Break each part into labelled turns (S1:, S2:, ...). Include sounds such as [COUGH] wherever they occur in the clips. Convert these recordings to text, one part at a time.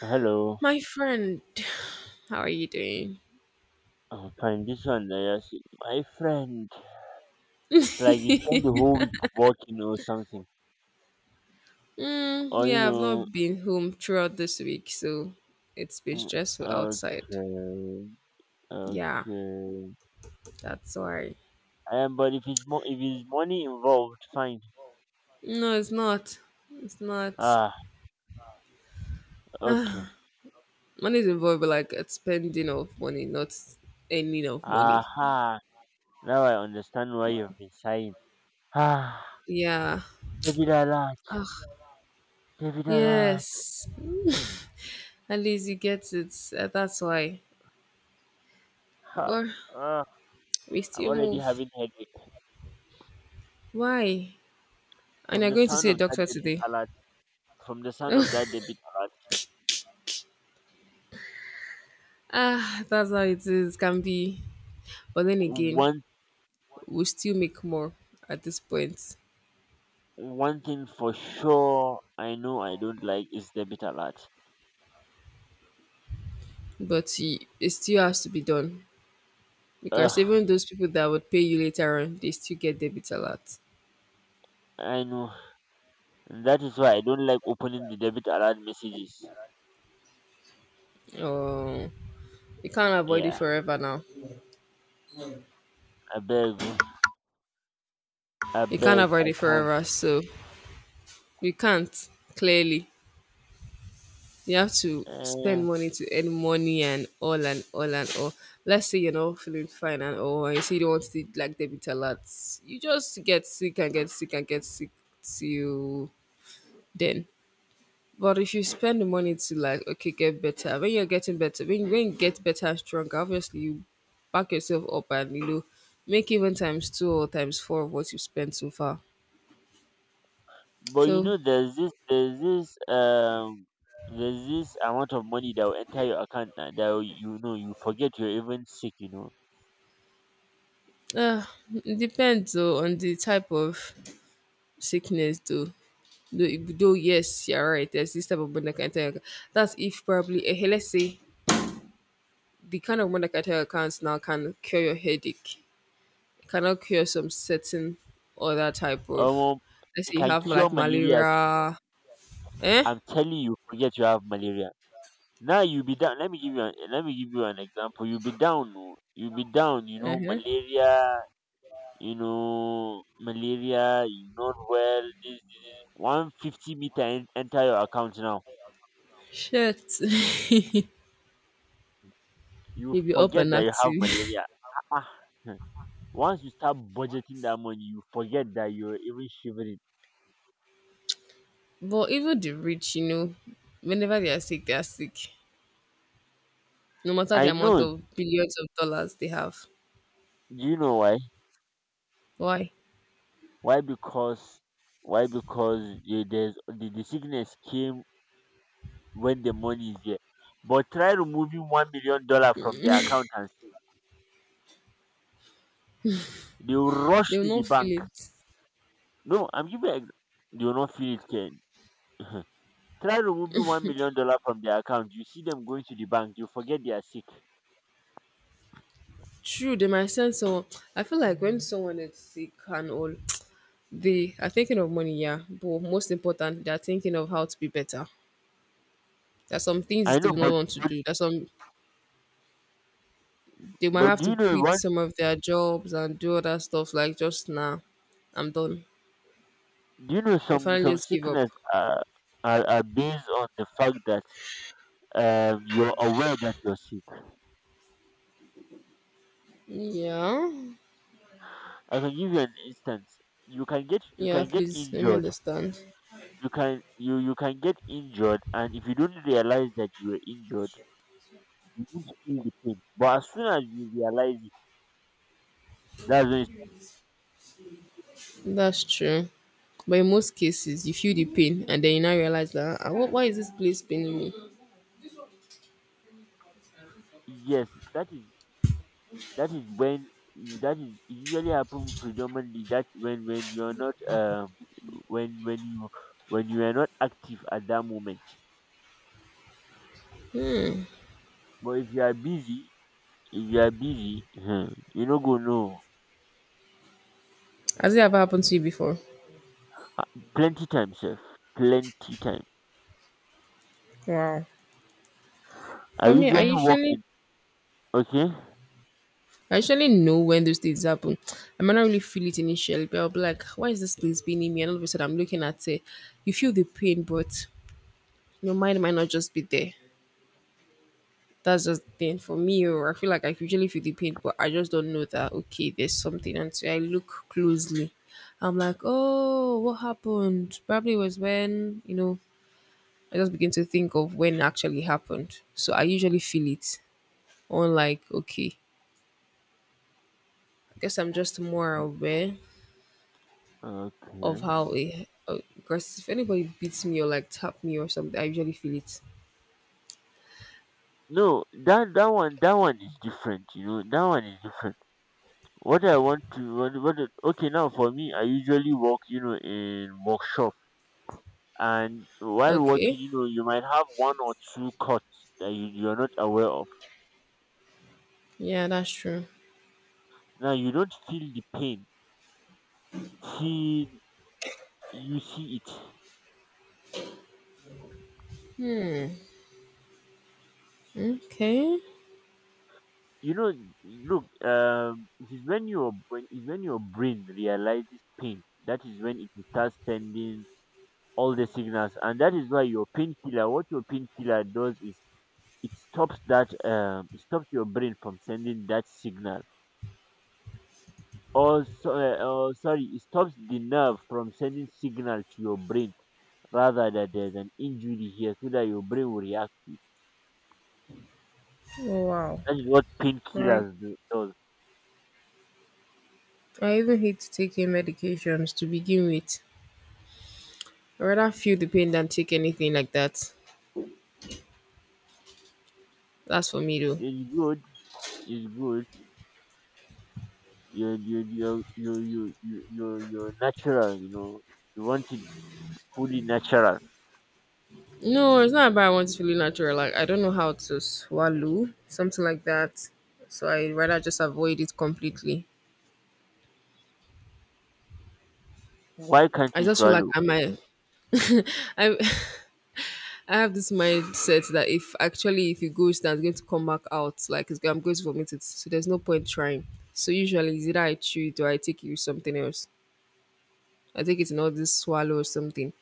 S1: Hello,
S2: My friend, how are you doing?
S1: I'm fine. This one, there, yes. My friend. It's like you spend the
S2: [LAUGHS]
S1: whole week working or something. Or
S2: Yeah, I've not been home throughout this week, so it's been
S1: mm,
S2: stressful outside.
S1: okay,
S2: Yeah,
S1: okay.
S2: that's why.
S1: But if it's more, if it's money involved, fine.
S2: No, it's not. It's not.
S1: Ah, okay.
S2: [SIGHS] Ah, money is involved, but like it's spending of money, not earning of money.
S1: Aha. Now I understand why you've been sighing. Ah,
S2: Yeah.
S1: David Alat,
S2: Ah,
S1: David Alat.
S2: yes. At least you get it. That's why.
S1: Ha.
S2: But
S1: Ah,
S2: we
S1: I'm
S2: still
S1: already
S2: move.
S1: having headache
S2: Why? And
S1: from
S2: you're
S1: the
S2: going to
S1: sound
S2: see a
S1: of that
S2: doctor
S1: David
S2: today.
S1: Alat. From the sound of that David Alat.
S2: Ah, that's how it is. Can be. But then again,
S1: One
S2: we still make more at this point.
S1: One thing for sure I know I don't like is debit alert.
S2: But it still has to be done because
S1: Ugh,
S2: even those people that would pay you later on, they still get debit a lot.
S1: I know. And that is why I don't like opening the debit alert messages.
S2: Oh, you can't avoid it
S1: Yeah,
S2: forever now.
S1: I beg, oh, I
S2: You can't
S1: beg,
S2: avoid
S1: I
S2: it
S1: can't.
S2: forever. So you can't, clearly. You have to
S1: Uh,
S2: spend money to earn money and all and all and all. Let's say you're not feeling fine and all, and you see you don't want to take, like, debit a lot. You just get sick and get sick and get sick till then. But if you spend the money to, like, okay, get better, when you're getting better, when you get better and stronger, obviously you back yourself up and you know make even times two or times four of what you've spent so far.
S1: but you
S2: So
S1: know, there's this, there's this, um, there's this amount of money that will enter your account you know you forget you're even sick.
S2: uh it depends though on the type of sickness though. Though yes, you're right. There's this type of Bonacata account. That's if probably let's say the kind of Bonacata accounts now can cure your headache, cannot cure some certain other type of,
S1: Um,
S2: let's
S1: it
S2: say you
S1: can
S2: have
S1: cure
S2: like
S1: malaria too.
S2: malaria. Eh.
S1: I'm telling you, forget you have malaria. Now you'll be down. Let me give you an example. You'll be down. Oh, You'll be down.
S2: Uh-huh.
S1: You know malaria. You not well. This. 150 meter enter your account now.
S2: Shit. [LAUGHS]
S1: You
S2: You be up
S1: forget
S2: and
S1: that you have
S2: active.
S1: malaria. Ah, ah. [LAUGHS] Once you start budgeting that money, you forget that you're even shivering.
S2: [LAUGHS] But even the rich, you know, whenever they are sick they are sick, no matter the
S1: I
S2: amount
S1: know.
S2: of billions of dollars they have.
S1: Do you know why?
S2: Why?
S1: Why because why? Because the sickness came when the money is there. But try removing $1 million from their account and see. They will rush
S2: They
S1: to
S2: will
S1: the
S2: not
S1: bank.
S2: feel it.
S1: No, I'm giving you you will not feel it, Ken. Try removing $1 million from their account. You see them going to the bank. You forget they are sick.
S2: True, they might send someone. I feel like when someone is sick and all, they are thinking of money, yeah, but most important they are thinking of how to be better. There are some
S1: I
S2: things they
S1: know,
S2: will not
S1: but
S2: want to
S1: but,
S2: do, there's some, they might
S1: but
S2: have
S1: do
S2: to
S1: you know
S2: quit
S1: one?
S2: some of their jobs and do other stuff like just nah, I'm done,
S1: Do you know
S2: they
S1: some
S2: finally
S1: some
S2: just give up.
S1: sickness are, are are based on the fact that you're aware that you're sick.
S2: Yeah.
S1: I can give you an instance. You
S2: Yeah,
S1: can get
S2: please let me
S1: injured.
S2: understand.
S1: You can get injured, and if you don't realize that you were injured, you won't feel the pain. But as soon as you realize it, that's when it's,
S2: That's true, but in most cases you feel the pain and then you now realize that, "Ah, why is this place paining me?"
S1: yes that is that is when you- that is it usually happen predominantly that when when you when you are not active at that moment. But if you are busy, if you are busy, hmm, you no go know.
S2: Has it ever happened to you before?
S1: plenty time, sef Plenty time.
S2: Wow.
S1: i
S2: For me I
S1: usually walk
S2: usually,
S1: in Okay,
S2: I usually know when those things happen. I might not really feel it initially, but I'll be like, why is this place paining me? And all of a sudden I'm looking at it. You feel the pain, but your mind might not just be there. That's just the pain for me. Or I feel like I usually feel the pain, but I just don't know that okay, there's something until I look closely. I'm like, oh, what happened? Probably was when you know I just begin to think of when it actually happened. So I usually feel it on like okay, I guess I'm just more aware of
S1: okay.
S2: how it. Because if anybody beats me or like tap me or something, I usually feel it.
S1: No, that that one is different, you know. That one is different. What I want to what I- Okay, now for me, I usually work, you know, in workshop, and while working,
S2: Okay.
S1: you know, you might have one or two cuts that you're not aware of.
S2: Yeah, that's true.
S1: Now you don't feel the pain till you see it.
S2: Okay.
S1: You know, look, it is when your brain realizes pain. That is when it starts sending all the signals, and that is why your painkiller. What your painkiller does is it stops that it stops your brain from sending that signal or so, or sorry, it stops the nerve from sending signal to your brain rather, that there's an injury here so that your brain will react to it.
S2: Oh, wow.
S1: That is what
S2: Right.
S1: does.
S2: I even hate taking medications to begin with. I'd rather feel the pain than take anything like that. That's for me though.
S1: It's good, it's good. You're natural, you know, you want it fully natural.
S2: No, it's not about I want to feel natural. Like I don't know how to swallow, something like that. So I'd rather just avoid it completely.
S1: Why can't
S2: I
S1: you
S2: just feel like
S1: swallow?
S2: I might [LAUGHS] I [LAUGHS] I have this mindset that if actually if it goes down, it's going to come back out. Like it's, I'm going to vomit it. So there's no point trying. So usually it's either I chew it or I take it with something else. I take it in all this swallow or something.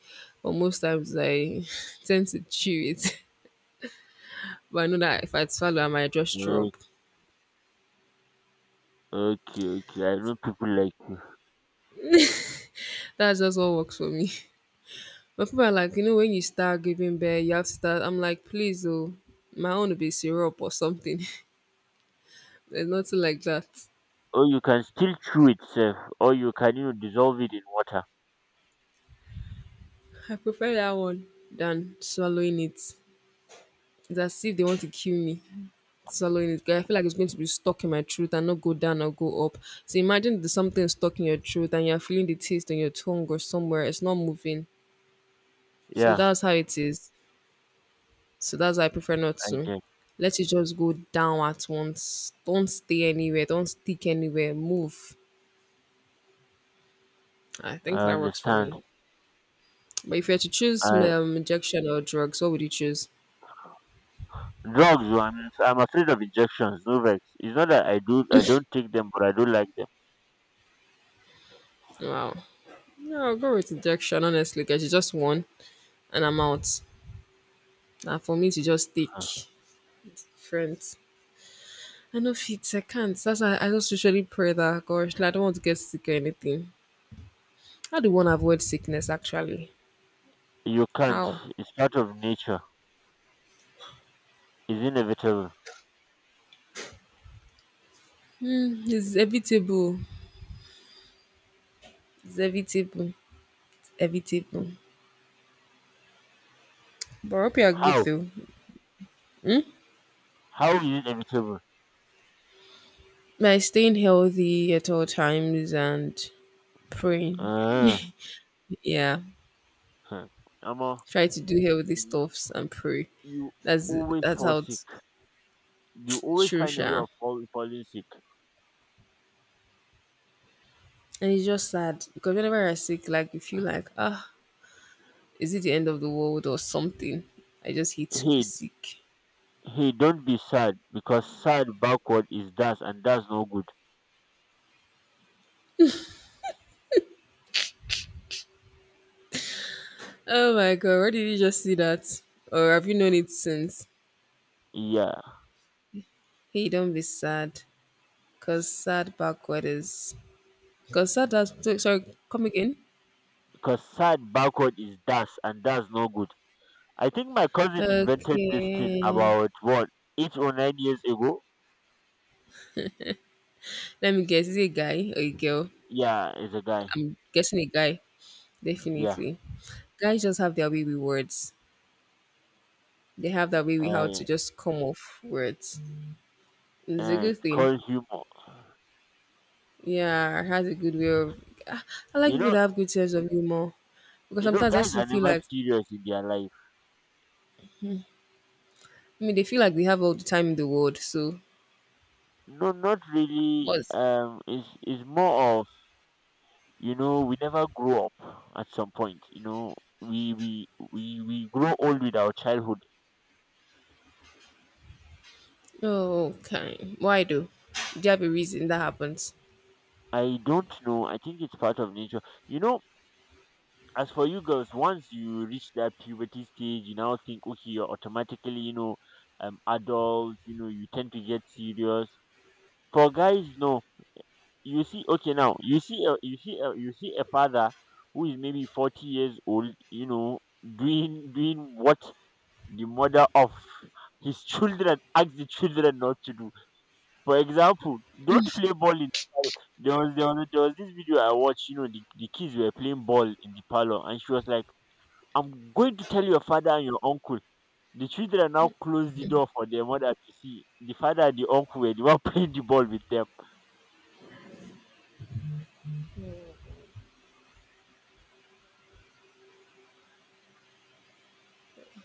S2: But most times I [LAUGHS] tend to chew it. [LAUGHS] But I know that if I swallow, I might just
S1: uh,
S2: throw up.
S1: okay, okay, I know people like.
S2: That's just what works for me. [LAUGHS] But people are like, you know, when you start giving birth, you have to start. I'm like, please, oh, my own will be syrup or something. [LAUGHS] There's nothing like that.
S1: Or you can still chew itself, or you can, you know, dissolve it in water.
S2: I prefer that one than swallowing it. It's as if they want to kill me. Swallowing it, 'cause I feel like it's going to be stuck in my throat and not go down or go up. So imagine there's something stuck in your throat and you're feeling the taste on your tongue or somewhere. It's not moving. So
S1: Yeah,
S2: that's how it is. So that's why I prefer not
S1: I
S2: to.
S1: get.
S2: Let it just go down at once. Don't stay anywhere. Don't stick anywhere. Move. I think
S1: I
S2: that works for
S1: understand.
S2: me. But if you had to choose
S1: I
S2: injection or drugs, what would you choose?
S1: Drugs. I'm afraid of injections. No vex. It's not that I don't take them, but I don't like them.
S2: Wow. No, I'll go with injection, honestly, because it's just one and I'm out. And for me to just take
S1: Uh,
S2: friends. I know fit. I can't. That's why I just usually pray that gosh, like, I don't want to get sick or anything. How do one avoid sickness actually?
S1: You can't.
S2: How?
S1: It's part of nature. It's inevitable.
S2: It's evitable. It's evitable. Evitable. But I hope you are good
S1: How?
S2: though.
S1: How is it inevitable?
S2: By staying healthy at all times and praying.
S1: Uh,
S2: Yeah.
S1: hmm. Amo,
S2: Try to do healthy
S1: you,
S2: stuffs and pray.
S1: you
S2: That's
S1: always
S2: that's
S1: fall
S2: how
S1: sick.
S2: it's
S1: You always
S2: true,
S1: find a way
S2: Sha.
S1: of falling sick.
S2: And it's just sad because whenever you're sick, like you feel like, ah, is it the end of the world or something? I just hate to be
S1: Hey,
S2: sick.
S1: hey, don't be sad, because sad backward is dust, and that's no good.
S2: Oh my god, where did you just see that? Or have you known it since?
S1: Yeah,
S2: Hey, don't be sad. Cause sad backward is, cause sad, that's, sorry, come again.
S1: because sad backward is das, and that's no good. I think my cousin invented this thing
S2: Okay.
S1: about what, 8 or 9 years ago.
S2: Let me guess, is it a guy or a girl?
S1: Yeah, is a guy.
S2: Guessing a guy,
S1: Yeah,
S2: definitely. Guys just have their way with words. They have their way with how
S1: uh,
S2: to just come off words. And it's a
S1: it's
S2: good thing.
S1: called humor.
S2: Yeah, it has a good way of, I I like
S1: You
S2: people
S1: know,
S2: that have good sense of humor. Because
S1: you know,
S2: sometimes I
S1: guys
S2: still
S1: are
S2: feel
S1: never
S2: like
S1: serious in their life.
S2: I mean, they feel like they have all the time in the world. So,
S1: No, not really.
S2: what's
S1: It's more of, you know, we never grow up at some point. You know, we grow old with our childhood.
S2: oh, okay. Why though? Do you have a reason that happens?
S1: I don't know. I think it's part of nature. You know, as for you girls, once you reach that puberty stage, you now think, okay, you're automatically, adults. You know, you tend to get serious. For guys, no. You see, okay, now you see a father who is maybe 40 years old. You know, doing what the mother of his [LAUGHS] children asks the children not to do. For example, don't play ball in there was this video I watched. You know, the kids were playing ball in the parlor, and she was like, I'm going to tell your father and your uncle. The children now closed the door for their mother to see. The father and the uncle were the one [LAUGHS] playing the ball with them.